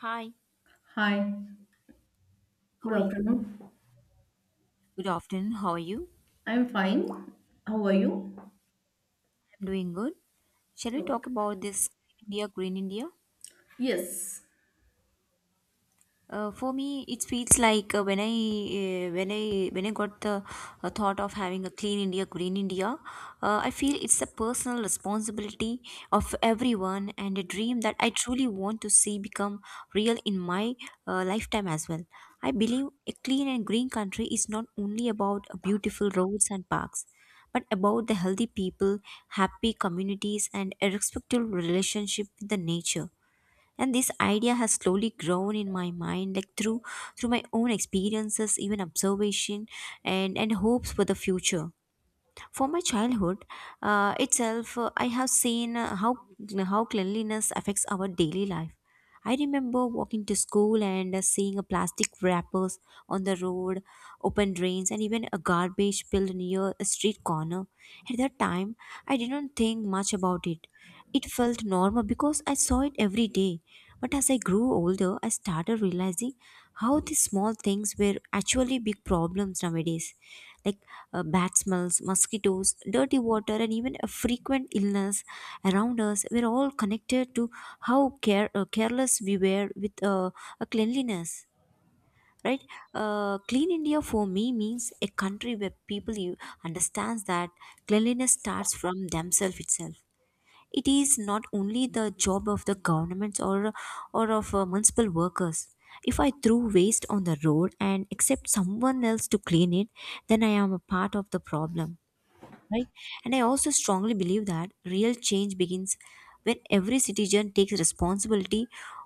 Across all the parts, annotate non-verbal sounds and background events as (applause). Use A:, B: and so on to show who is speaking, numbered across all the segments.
A: Hi,
B: Hi,
A: how
B: good
A: are you?
B: afternoon.
A: Good afternoon, how are you?
B: I'm fine. How are you?
A: I'm doing good. Shall we talk
B: Okay.
A: about this India, Green India?
B: Yes,
A: For me, it feels like when I got the thought of having a clean India, green India. I feel it's a personal responsibility of everyone, and a dream that I truly want to see become real in my lifetime as well. I believe a clean and green country is not only about beautiful roads and parks, but about the healthy people, happy communities, and a respectful relationship with the nature, and this idea has slowly grown in my mind, like through my own experiences, even observation, and hopes for the future. For my childhood itself, I have seen how cleanliness affects our daily life. I remember walking to school and seeing a plastic wrappers on the road, open drains, and even a garbage pile near a street corner. At that time, I didn't think much about it. It felt normal because I saw it every day. But as I grew older, I started realizing how these small things were actually big problems nowadays, like bad smells, mosquitoes, dirty water, and even a frequent illness around us were all connected to how careless we were with a cleanliness. Right, clean India for me means a country where people you understands that cleanliness starts from themselves itself. It is not only the job of the governments or of municipal workers. If I throw waste on the road and accept someone else to clean it, then I am a part of the problem, right? And I also strongly believe that real change begins when every citizen takes responsibility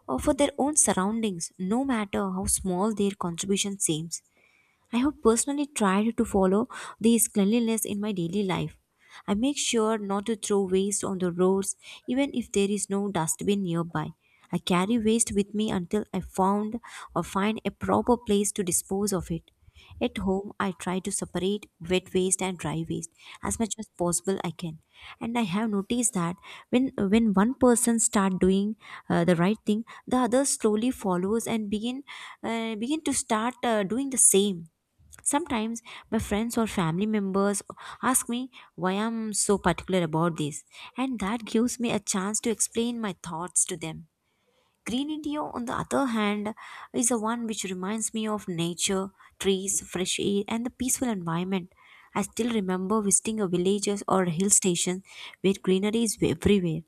A: for their own surroundings, no matter how small their contribution seems. I have personally tried to follow these cleanliness in my daily life. I make sure not to throw waste on the roads, even if there is no dustbin nearby. I carry waste with me until I found or find a proper place to dispose of it. At home, I try to separate wet waste and dry waste as much as possible I can. And I have noticed that when one person start doing the right thing, the other slowly follows and begin to start doing the same. Sometimes my friends or family members ask me why I'm so particular about this, and that gives me a chance to explain my thoughts to them. Green India, on the other hand, is the one which reminds me of nature, trees, fresh air, and the peaceful environment. I still remember visiting a village or a hill station where greenery is everywhere.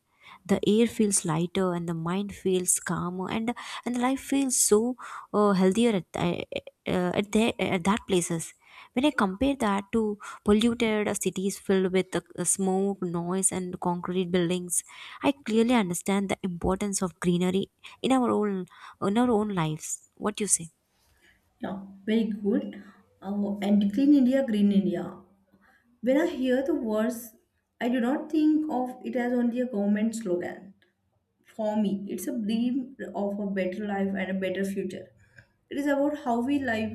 A: The air feels lighter, and the mind feels calmer, and life feels so healthier uh, at that places. When I compare that to polluted cities filled with smoke, noise, and concrete buildings, I clearly understand the importance of greenery in our own in our own lives. What do you say?
B: yeah, very good. Oh, and clean India, green India. When I hear the words, I do not think of it as only a government slogan. For me, it's a dream of a better life and a better future. It is about how we live,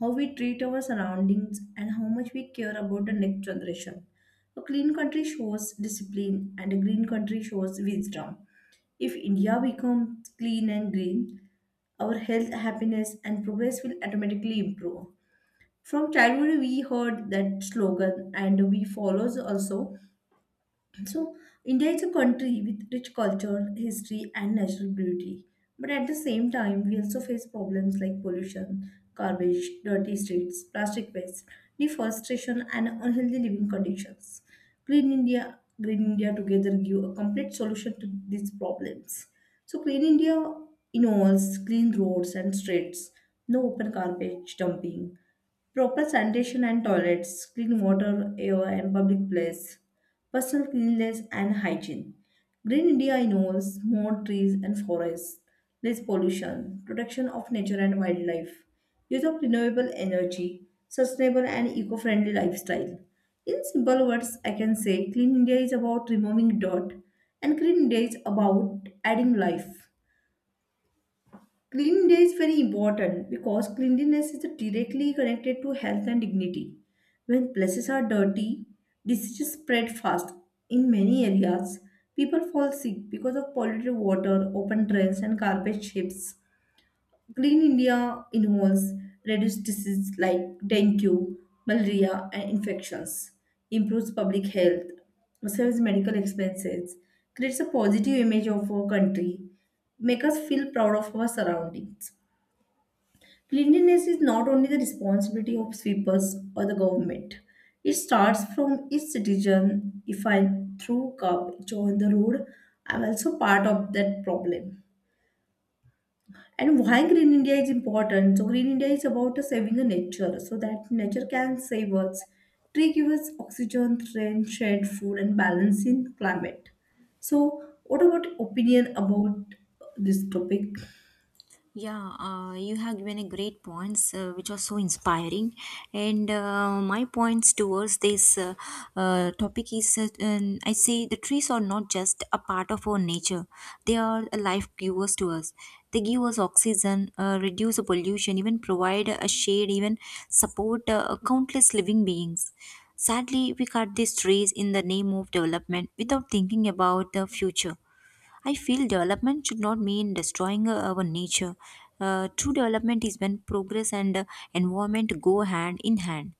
B: how we treat our surroundings, and how much we care about the next generation. A clean country shows discipline, and a green country shows wisdom. If India becomes clean and green, our health, happiness, and progress will automatically improve. From childhood, we heard that slogan, and we follow also, so India is a country with rich culture, history, and natural beauty. But at the same time, we also face problems like pollution, garbage, dirty streets, plastic waste, deforestation, and unhealthy living conditions. Clean India, Green India together give a complete solution to these problems. So, Clean India involves clean roads and streets, no open garbage dumping, proper sanitation and toilets, clean water, air, and public place, personal cleanliness and hygiene. Green India involves more trees and forests, less pollution, protection of nature and wildlife, use of renewable energy, sustainable and eco friendly lifestyle. In simple words, I can say Clean India is about removing dirt, and Green India is about adding life. Clean day is very important because cleanliness is directly connected to health and dignity. When places are dirty, diseases spread fast. In many areas, people fall sick because of polluted water, open drains, and garbage ships. Clean India involves reduce diseases like dengue, malaria, and infections, improves public health, saves medical expenses, creates a positive image of our country, make us feel proud of our surroundings. Cleanliness is not only the responsibility of sweepers or the government. It starts from each citizen. If I throw garbage on the road, I'm also part of that problem. And why Green India is important? So Green India is about saving the nature, so that nature can save us. Tree give us oxygen, rain, shade, food, and balance in climate. So, what about opinion about this topic?
A: Yeah, you have given a great points which are so inspiring, and my points towards this topic is I say the trees are not just a part of our nature; they are a life givers to us. They give us oxygen, reduce the pollution, even provide a shade, even support countless living beings. Sadly, we cut these trees in the name of development without thinking about the future. I feel development should not mean destroying our nature. True development is when progress and environment go hand in hand.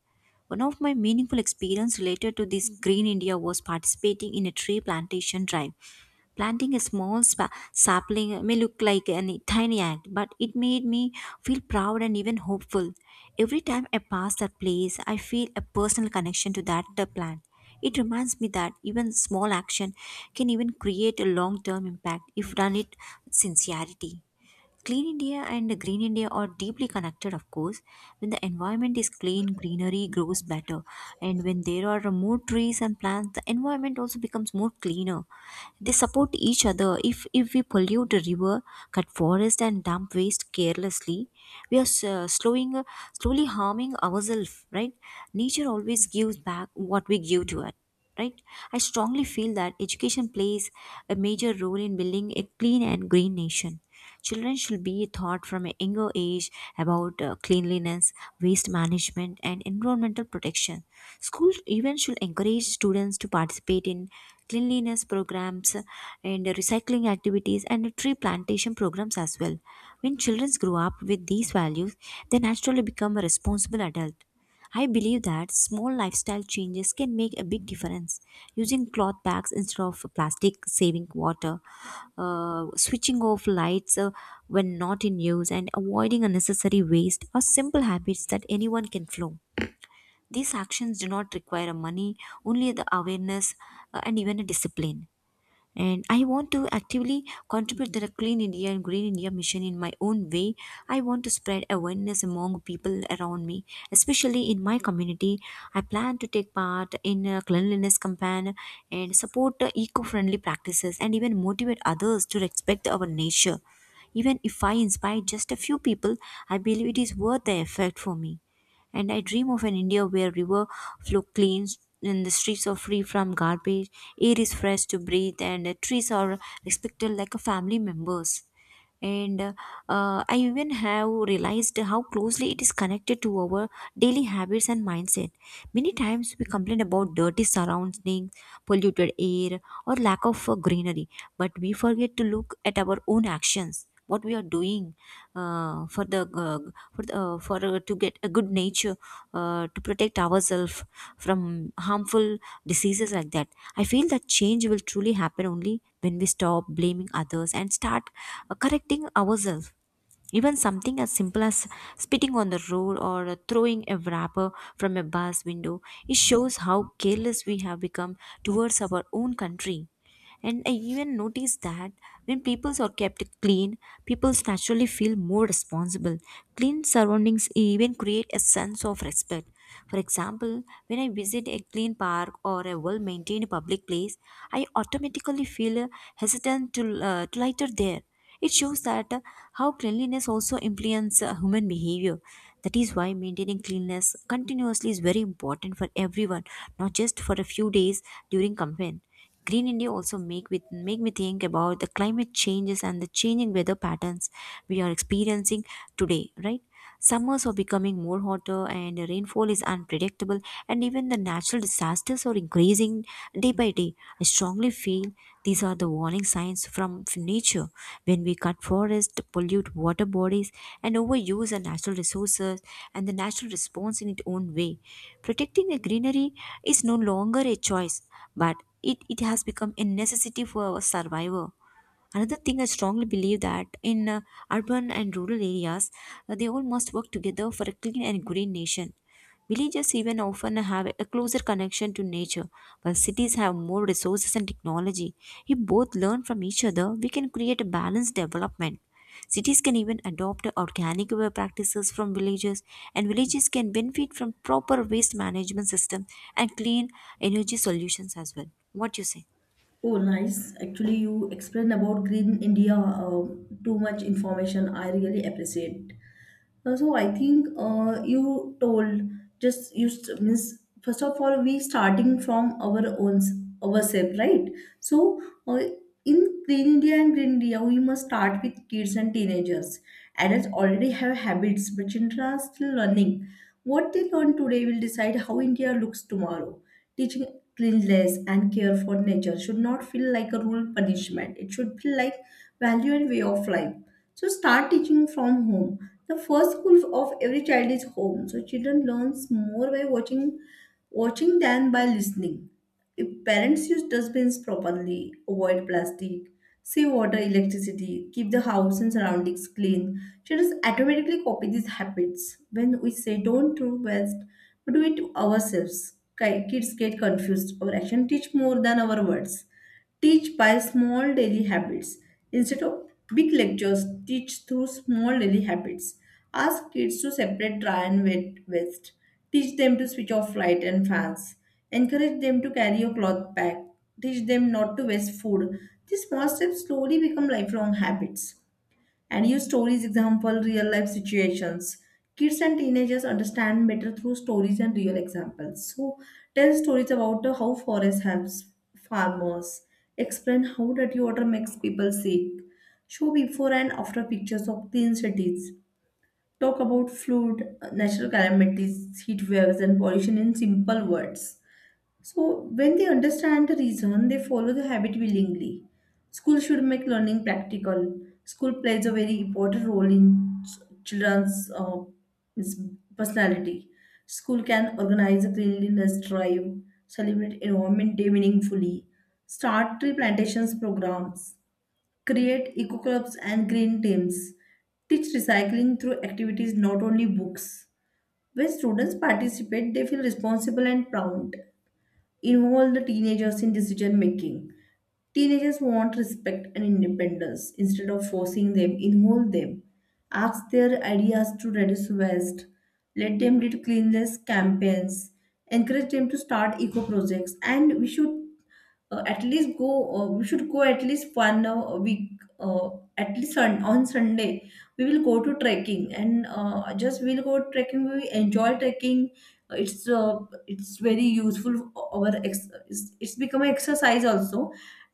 A: One of my meaningful experience related to this Green India was participating in a tree plantation drive. Planting a small sapling may look like a tiny act, but it made me feel proud and even hopeful. Every time I pass that place, I feel a personal connection to that the plant. It reminds me that even small action can even create a long-term impact if done it with sincerity. Clean India and Green India are deeply connected, of course. When the environment is clean, greenery grows better. And when there are more trees and plants, the environment also becomes more cleaner. They support each other. If we pollute the river, cut forest, and dump waste carelessly, we are slowly harming ourselves, right? Nature always gives back what we give to it. Right, I strongly feel that education plays a major role in building a clean and green nation. Children should be taught from a younger age about cleanliness, waste management, and environmental protection. Schools even should encourage students to participate in cleanliness programs and recycling activities and tree plantation programs as well. When children grow up with these values, they naturally become a responsible adult. I believe that small lifestyle changes can make a big difference. Using cloth bags instead of plastic, saving water, switching off lights when not in use, and avoiding unnecessary waste are simple habits that anyone can follow. These actions do not require money, only the awareness and even a discipline. And I want to actively contribute to the clean india and green india mission in my own way. I want to spread awareness among people around me, especially in my community. I plan to take part in a cleanliness campaign and support the eco-friendly practices and even motivate others to respect our nature. Even if I inspire just a few people, I believe it is worth the effort for me. And I dream of an India where river flow cleans and the streets are free from garbage, air is fresh to breathe, and the trees are respected like a family members. And I even have realized how closely it is connected to our daily habits and mindset. Many times we complain about dirty surroundings, polluted air, or lack of greenery, but we forget to look at our own actions, what we are doing for the for the, for to get a good nature, to protect ourselves from harmful diseases like that. I feel that change will truly happen only when we stop blaming others and start correcting ourselves. Even something as simple as spitting on the road or throwing a wrapper from a bus window, it shows how careless we have become towards our own country. And I even noticed that when peoples are kept clean, peoples naturally feel more responsible. Clean surroundings even create a sense of respect. For example, when I visit a clean park or a well maintained public place, I automatically feel hesitant to lighter there. It shows that how cleanliness also influences human behavior. That is why maintaining cleanliness continuously is very important for everyone, not just for a few days during campaign. Green India also make with make me think about the climate changes and the changing weather patterns we are experiencing today, right? Summers are becoming more hotter and the rainfall is unpredictable, and even the natural disasters are increasing day by day. I strongly feel these are the warning signs from nature. When we cut forests, pollute water bodies and overuse our natural resources, and the natural response in its own way. Protecting the greenery is no longer a choice, but it has become a necessity for our survival. Another thing I strongly believe that in urban and rural areas, they all must work together for a clean and green nation. Villages even often have a closer connection to nature, while cities have more resources and technology. If both learn from each other, we can create a balanced development. Cities can even adopt organic way practices from villages, and villages can benefit from proper waste management system and clean energy solutions as well. What you say?
B: Oh, nice. Actually, you explained about Green India too much information. I really appreciate. So I think you told just you means first of all we starting from our own ourselves, right? So uh, in Green India and Green India, we must start with kids and teenagers. Adults already have habits, but children are still learning. What they learn today will decide how India looks tomorrow. Teaching cleanliness and care for nature should not feel like a rule punishment. It should feel like value and way of life. So start teaching from home. The first school of every child is home, so children learns more by watching than by listening. If parents use dustbins properly, avoid plastic, save water, electricity, keep the house and surroundings clean, children automatically copy these habits. When we say don't do waste, but do it ourselves. Kids get confused. Our action teach more than our words. Teach by small daily habits. Instead of big lectures, teach through small daily habits. Ask kids to separate dry and wet waste. Teach them to switch off light and fans. Encourage them to carry a cloth bag. Teach them not to waste food. These small steps slowly become lifelong habits. And use stories example real life situations. Kids and teenagers understand better through stories and real examples. So tell stories about how forest helps farmers. Explain how dirty water makes people sick. Show before and after pictures of clean cities. Talk about flood, natural calamities, heat waves, and pollution in simple words. So, when they understand the reason, they follow the habit willingly. School should make learning practical. School plays a very important role in children's is- personality. School can organize a cleanliness drive, celebrate Environment Day meaningfully, start tree plantations programs, create eco clubs and green teams, teach recycling through activities not only books. When students participate, they feel responsible and proud involve the teenagers in decision making. Teenagers want respect and independence instead of forcing them, involve them. Ask their ideas to reduce waste. Let them lead cleanliness campaigns. Encourage them to start eco projects. And we should at least go we should go at least one week uh, at least on sunday we will go to trekking and just we'll go trekking we enjoy trekking. It's it's very useful it's become exercise also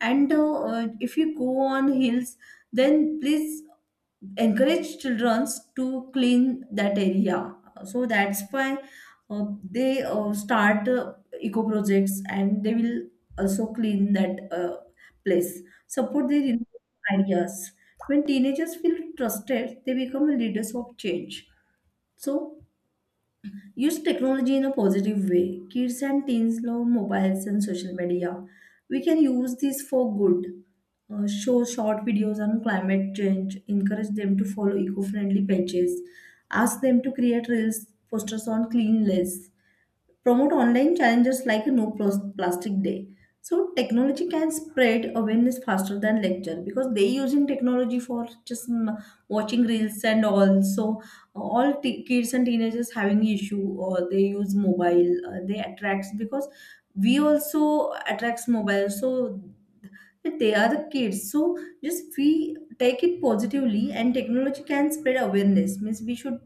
B: and if you go on hills then please encourage children to clean that area. So that's why they start eco projects and they will also clean that place. Support their innovative ideas. When teenagers feel trusted, they become leaders of change. So use technology in a positive way. Kids and teens love mobiles and social media. We can use this for good. Show short videos on climate change. Encourage them to follow eco friendly pages. Ask them to create reels, posters on cleanliness promote online challenges like a no Pros- plastic day. So technology can spread awareness faster than lecture because they using technology for just watching reels and all. So kids and teenagers having issue or they use mobile, they attracts because we also attracts mobile. So but they are the kids. So just we take it positively and technology can spread awareness. Means we should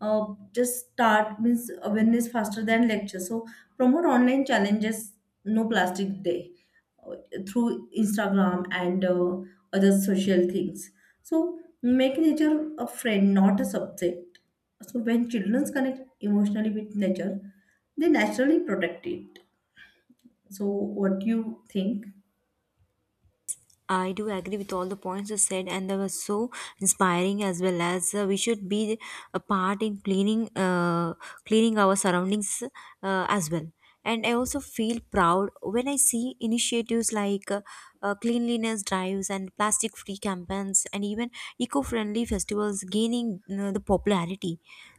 B: uh, just start means awareness faster than lecture. So promote online challenges, no plastic day uh, through Instagram and other social things. So make nature a friend, not a subject. So when children connect emotionally with nature, they naturally protect it. So what do you think?
A: I do agree with all the points you said, and they were so inspiring, as well as we should be a part in cleaning, cleaning our surroundings as well. And I also feel proud when I see initiatives like cleanliness drives and plastic-free campaigns, and even eco-friendly festivals gaining the popularity.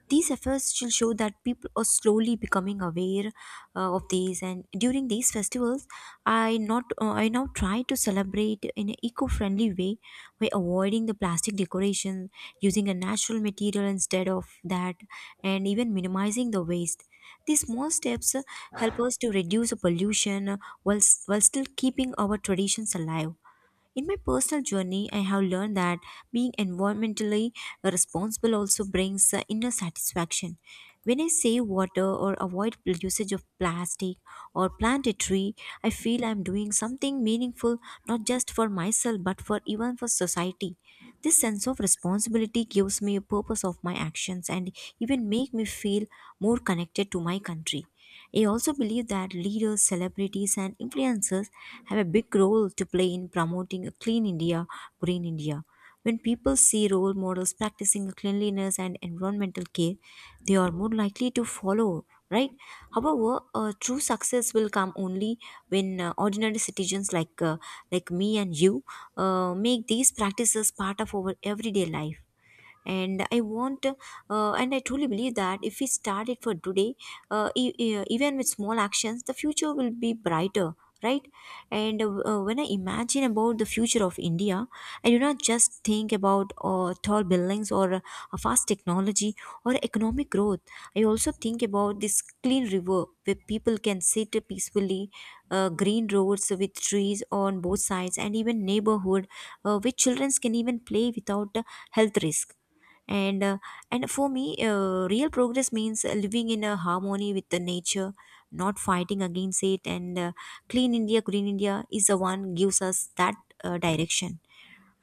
A: These efforts will show that people are slowly becoming aware of these, and during these festivals, I not I now try to celebrate in an eco-friendly way by avoiding the plastic decoration, using a natural material instead of that, and even minimizing the waste. These small steps help us to reduce the pollution while, while still keeping our traditions alive. In my personal journey, I have learned that being environmentally responsible also brings inner satisfaction. When I save water or avoid the usage of plastic or plant a tree, I feel I'm doing something meaningful not just for myself but for even for society. This sense of responsibility gives me a purpose of my actions and even make me feel more connected to my country. I also believe that leaders, celebrities, and influencers have a big role to play in promoting a clean India, green India. When people see role models practicing cleanliness and environmental care, they are more likely to follow, right? However, true success will come only when ordinary citizens like me and you make these practices part of our everyday life, and I want and I truly believe that if we start it for today, even with small actions the future will be brighter, right? and When I imagine about the future of India, I do not just think about tall buildings or a fast technology or economic growth. I also think about this clean river where people can sit peacefully, green roads with trees on both sides, and even neighborhood where children can even play without health risk. And and for me, real progress means living in a harmony with the nature, not fighting against it, and clean India green India is the one gives us that direction.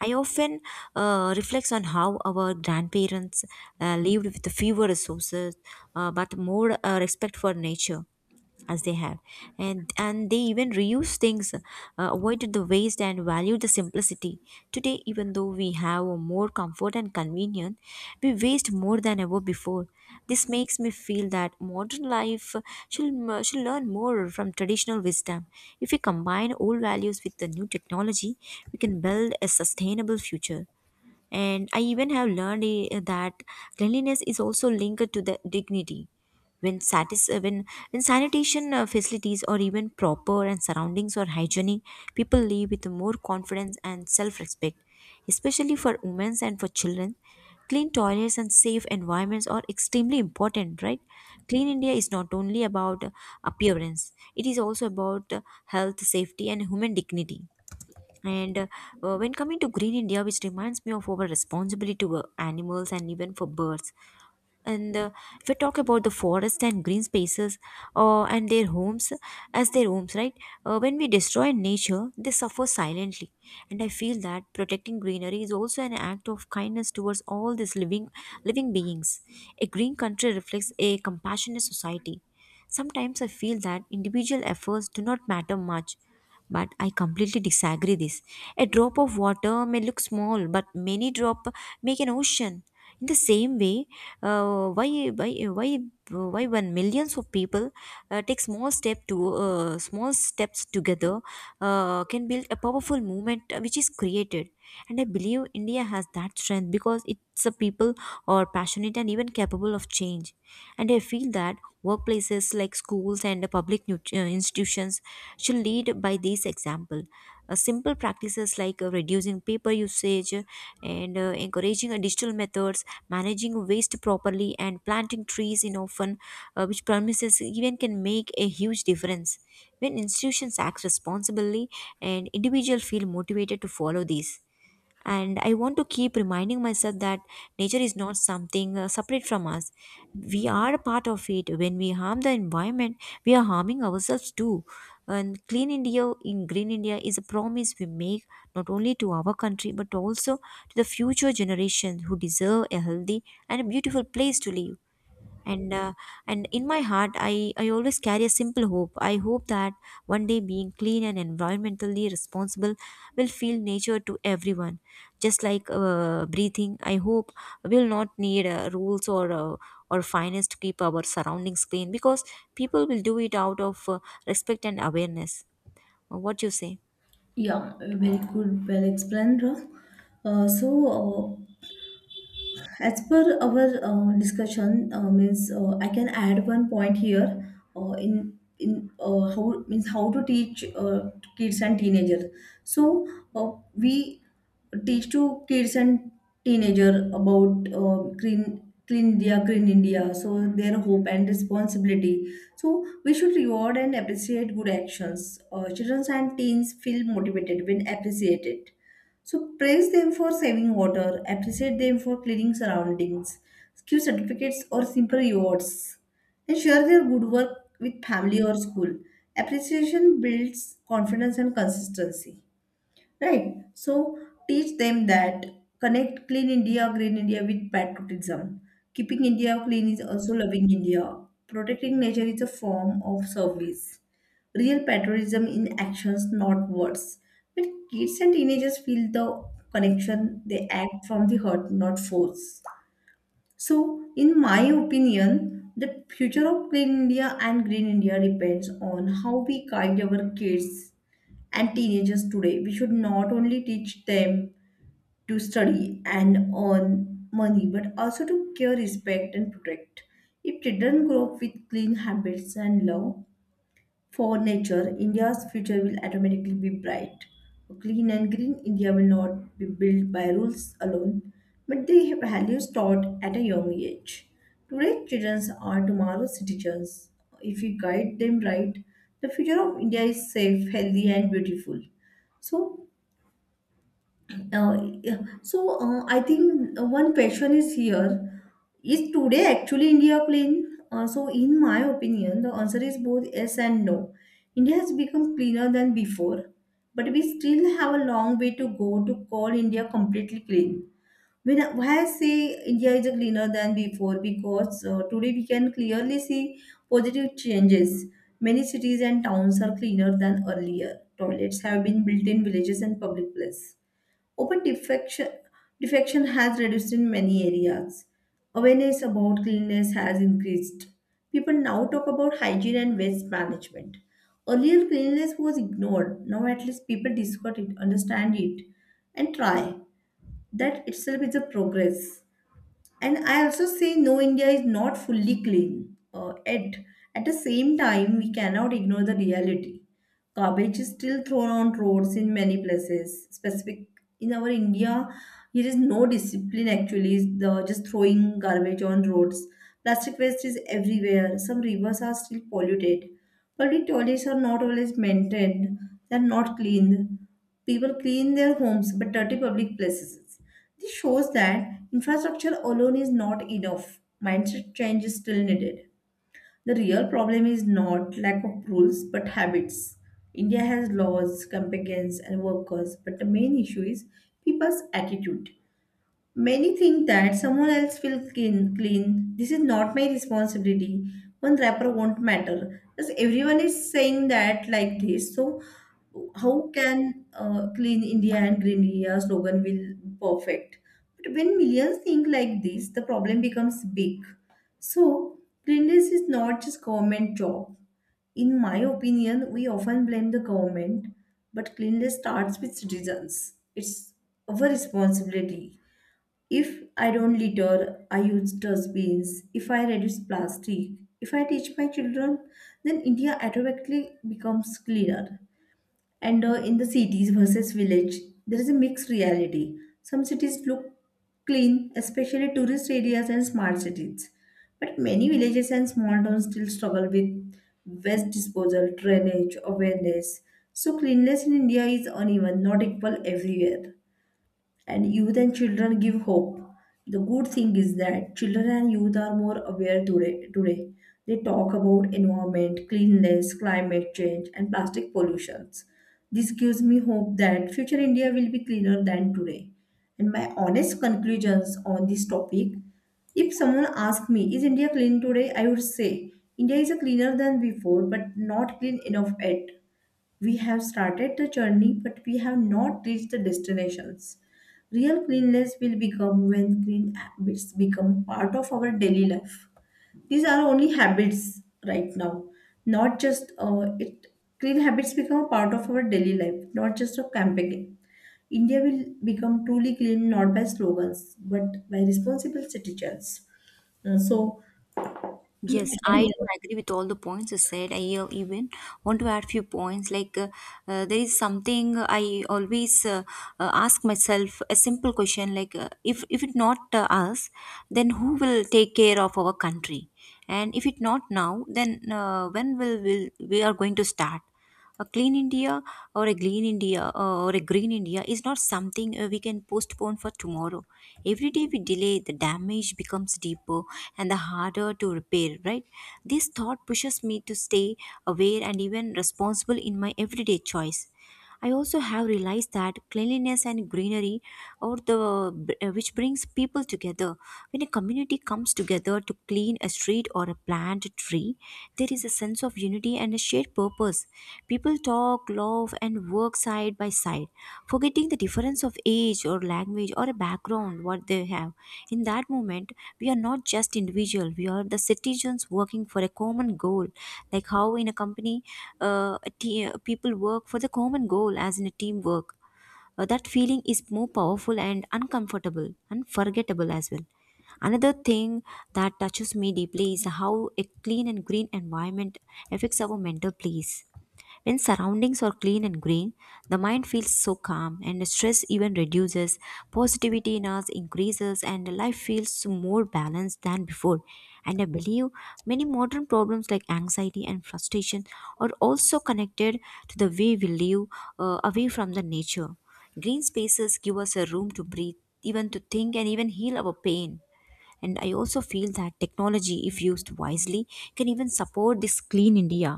A: I often reflects on how our grandparents lived with fewer resources, but more respect for nature as they have. And they even reuse things, avoided the waste and value the simplicity. Today, even though we have more comfort and convenience, we waste more than ever before. This makes me feel that modern life should learn more from traditional wisdom. If we combine old values with the new technology, we can build a sustainable future. And I even have learned that cleanliness is also linked to the dignity. When, satis- uh, when, when sanitation facilities or even proper and surroundings are hygienic, people live with more confidence and self-respect. Especially for women and for children, clean toilets and safe environments are extremely important, right? Clean India is not only about appearance; it is also about health, safety, and human dignity. And When coming to Green India, which reminds me of our responsibility to animals and even for birds. And If we talk about the forest and green spaces and their homes as their homes, right? When we destroy nature, they suffer silently. And I feel that protecting greenery is also an act of kindness towards all these living beings. A green country reflects a compassionate society. Sometimes I feel that individual efforts do not matter much, but I completely disagree this. A drop of water may look small, but many drop make an ocean. In the same way, uh, why why why why when millions of people take small step to small steps together can build a powerful movement which is created. And I believe India has that strength because it's a people or passionate and even capable of change. And I feel that workplaces like schools and public institutions should lead by this example. Simple practices like reducing paper usage, and encouraging digital methods, managing waste properly, and planting trees in often which promises even can make a huge difference. When institutions act responsibly and individuals feel motivated to follow these, and I want to keep reminding myself that nature is not something separate from us. We are a part of it. When we harm the environment, we are harming ourselves too. And clean India in green India is a promise we make not only to our country but also to the future generations who deserve a healthy and a beautiful place to live. And and in my heart, I always carry a simple hope. I hope that one day being clean and environmentally responsible will feel nature to everyone, just like breathing. I hope we'll not need rules or fines to keep our surroundings clean, because people will do it out of respect and awareness. What you say?
B: Yeah, very good, well explained, Ralph. So, as per our discussion means I can add one point here in how means how to teach to kids and teenager, so we teach to kids and teenager about green clean india green india, so their hope and responsibility. So we should reward and appreciate good actions. Children and teens feel motivated when appreciated, so praise them for saving water, appreciate them for cleaning surroundings, give certificates or simple rewards, and share their good work with family or school. Appreciation builds confidence and consistency. Right. So teach them that connect clean India, green India with patriotism. Keeping India clean is also loving India. Protecting nature is a form of service. Real patriotism in actions, not words. When kids and teenagers feel the connection, they act from the heart, not force. So, in my opinion, the future of Clean India and Green India depends on how we guide our kids and teenagers today. We should not only teach them to study and earn money, but also to care, respect, and protect. If children grow up with clean habits and love for nature, India's future will automatically be bright. A clean and green India will not be built by rules alone, but they have values taught at a young age. Today's children are tomorrow's citizens. If we guide them right, the future of India is safe, healthy, and beautiful. So, yeah. so I think one question is here: Is today actually India clean? So, in my opinion, the answer is both yes and no. India has become cleaner than before, but we still have a long way to go to call India completely clean. Why I say India is cleaner than before because today we can clearly see positive changes. Many cities and towns are cleaner than earlier. Toilets have been built in villages and public places. Open defection, Defection has reduced in many areas. Awareness about cleanliness has increased. People now talk about hygiene and waste management. Earlier, cleanliness was ignored. Now, at least people discuss it, understand it, and try. That itself is a progress. And I also say no, india is not fully clean. At the same time we cannot ignore the reality. Garbage is still thrown on roads in many places, specific in our india. There is no discipline actually, the just throwing garbage on roads. Plastic waste is everywhere, some rivers are still polluted, public toilets are not always maintained, they are not cleaned. People clean their homes but dirty public places. This shows that infrastructure alone is not enough. Mindset change is still needed. The real problem is not lack of rules but habits. India has laws, campaigns, and workers, but the main issue is people's attitude. Many think that someone else will clean. This is not my responsibility. One wrapper won't matter. Because everyone is saying that like this. So how can clean India and green India slogan will perfect? But when millions think like this, the problem becomes big. So cleanliness is not just government job. In my opinion, we often blame the government, but cleanliness starts with citizens. It's our responsibility. If I don't litter, I use dustbins. If I reduce plastic, if I teach my children, then India automatically becomes cleaner. And in the cities versus village, there is a mixed reality. Some cities look clean, especially tourist areas and smart cities. But many villages and small towns still struggle with waste disposal, drainage, awareness. So cleanliness in India is uneven, not equal everywhere. And youth and children give hope. The good thing is that children and youth are more aware today. Today. They talk about environment, cleanliness, climate change, and plastic pollutions. This gives me hope that future India will be cleaner than today. And my honest conclusions on this topic, if someone asked me, is India clean today? I would say India is cleaner than before, but not clean enough yet. We have started the journey, but we have not reached the destinations. Real cleanliness will become when clean habits become part of our daily life. These are only habits right now, not just it. Clean habits become a part of our daily life, not just a campaign. India will become truly clean not by slogans but by responsible citizens. So, (clears throat)
A: Yes,
B: I can
A: I
B: hear.
A: do agree with all the points you said. I even want to add few points. Like there is something I always ask myself a simple question, like if if it not us, then who will take care of our country? And if it not now, then when will we are going to start? A clean India or a green India is not something we can postpone for tomorrow. Every day we delay, the damage becomes deeper and the harder to repair, right? This thought pushes me to stay aware and even responsible in my everyday choice. I also have realized that cleanliness and greenery, or the which brings people together. When a community comes together to clean a street or a plant a tree, there is a sense of unity and a shared purpose. People talk, love, and work side by side, forgetting the difference of age or language or a background what they have. In that moment, we are not just individual; we are the citizens working for a common goal. Like how in a company, people work for the common goal, as in a teamwork. That feeling is more powerful and unforgettable as well. Another thing that touches me deeply is how a clean and green environment affects our mental peace. When surroundings are clean and green, the mind feels so calm and stress even reduces, positivity in us increases, and life feels more balanced than before. And I believe many modern problems like anxiety and frustration are also connected to the way we live away from the nature. Green spaces give us a room to breathe, even to think, and even heal our pain. And I also feel that technology, if used wisely, can even support this clean India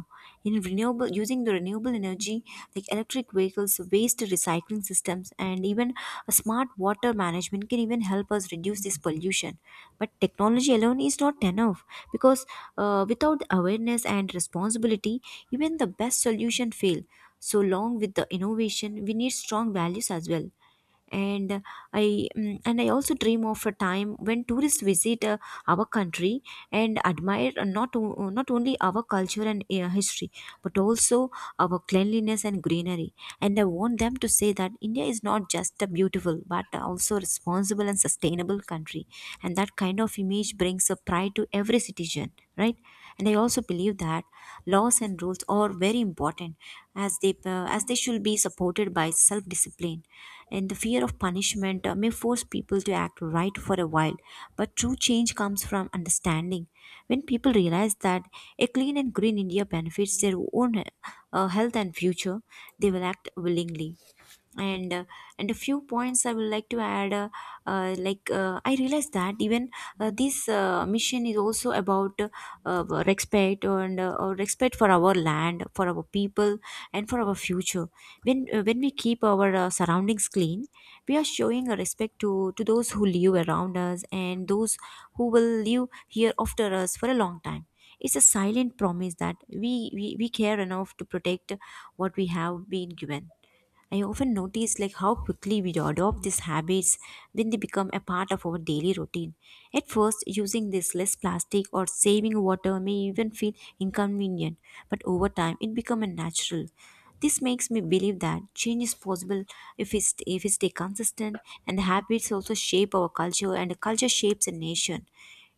A: in renewable using the renewable energy, like electric vehicles, waste recycling systems, and even a smart water management can even help us reduce this pollution. But technology alone is not enough, because without awareness and responsibility, even the best solution fail. So long with the innovation, we need strong values as well. And i mm, and I also dream of a time when tourists visit our country and admire, not only our culture and history, but also our cleanliness and greenery. And I want them to say that India is not just a beautiful but also responsible and sustainable country. And that kind of image brings a pride to every citizen, right? And I also believe that laws and rules are very important, as they should be supported by self discipline, and the fear of punishment may force people to act right for a while. But true change comes from understanding. When people realize that a clean and green India benefits their own health and future, they will act willingly. And and a few points I would like to add, I realized that even this mission is also about respect and or respect for our land, for our people, and for our future. When we keep our surroundings clean, we are showing a respect to those who live around us and those who will live here after us for a long time. It's a silent promise that we care enough to protect what we have been given. I often notice like how quickly we adopt these habits when they become a part of our daily routine. At first, using this less plastic or saving water may even feel inconvenient, but over time it becomes a natural. This makes me believe that change is possible if if we stay consistent, and the habits also shape our culture, and the culture shapes a nation.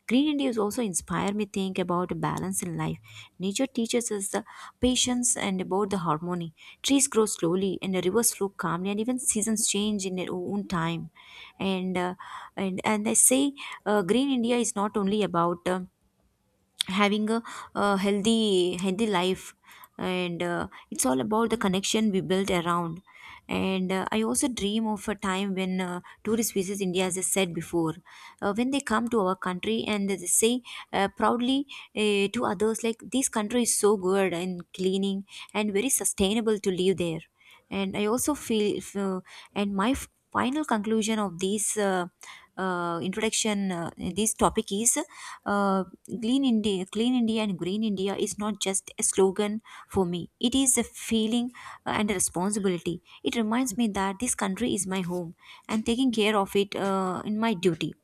A: Green Indians also inspire me think about a balance in life. Nature teaches us the patience and about the harmony. Trees grow slowly and the rivers flow calmly and even seasons change in their own time. And uh, and I say Green India is not only about having a healthy life, and it's all about the connection we build around. And I also dream of a time when tourist visits India, as I said before, when they come to our country and they say proudly to others, like this country is so good and cleaning and very sustainable to live there. And i also feel f- uh, and my final conclusion of this, this topic is, clean India and green India is not just a slogan for me. It is a feeling and a responsibility. It reminds me that this country is my home and taking care of it in my duty.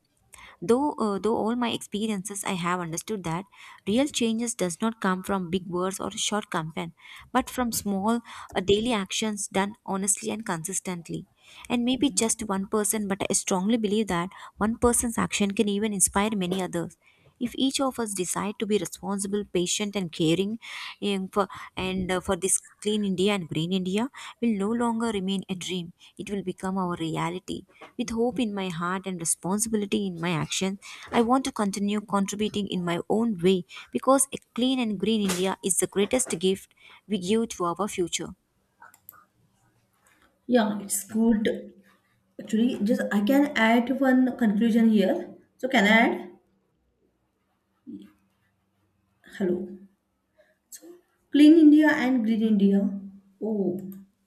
A: Though all my experiences I have understood that real changes does not come from big words or short campaign, but from small daily actions done honestly and consistently. And maybe just one person, but I strongly believe that one person's action can even inspire many others. If each of us decide to be responsible, patient, and caring, and for, and for this clean India and green India will no longer remain a dream. It will become our reality. With hope in my heart and responsibility in my action, I want to continue contributing in my own way, because a clean and green India is the greatest gift we give to our future.
B: Yeah, it's good. Actually, just I can add one conclusion here. So can I add? Hello. So clean India and green India. Oh.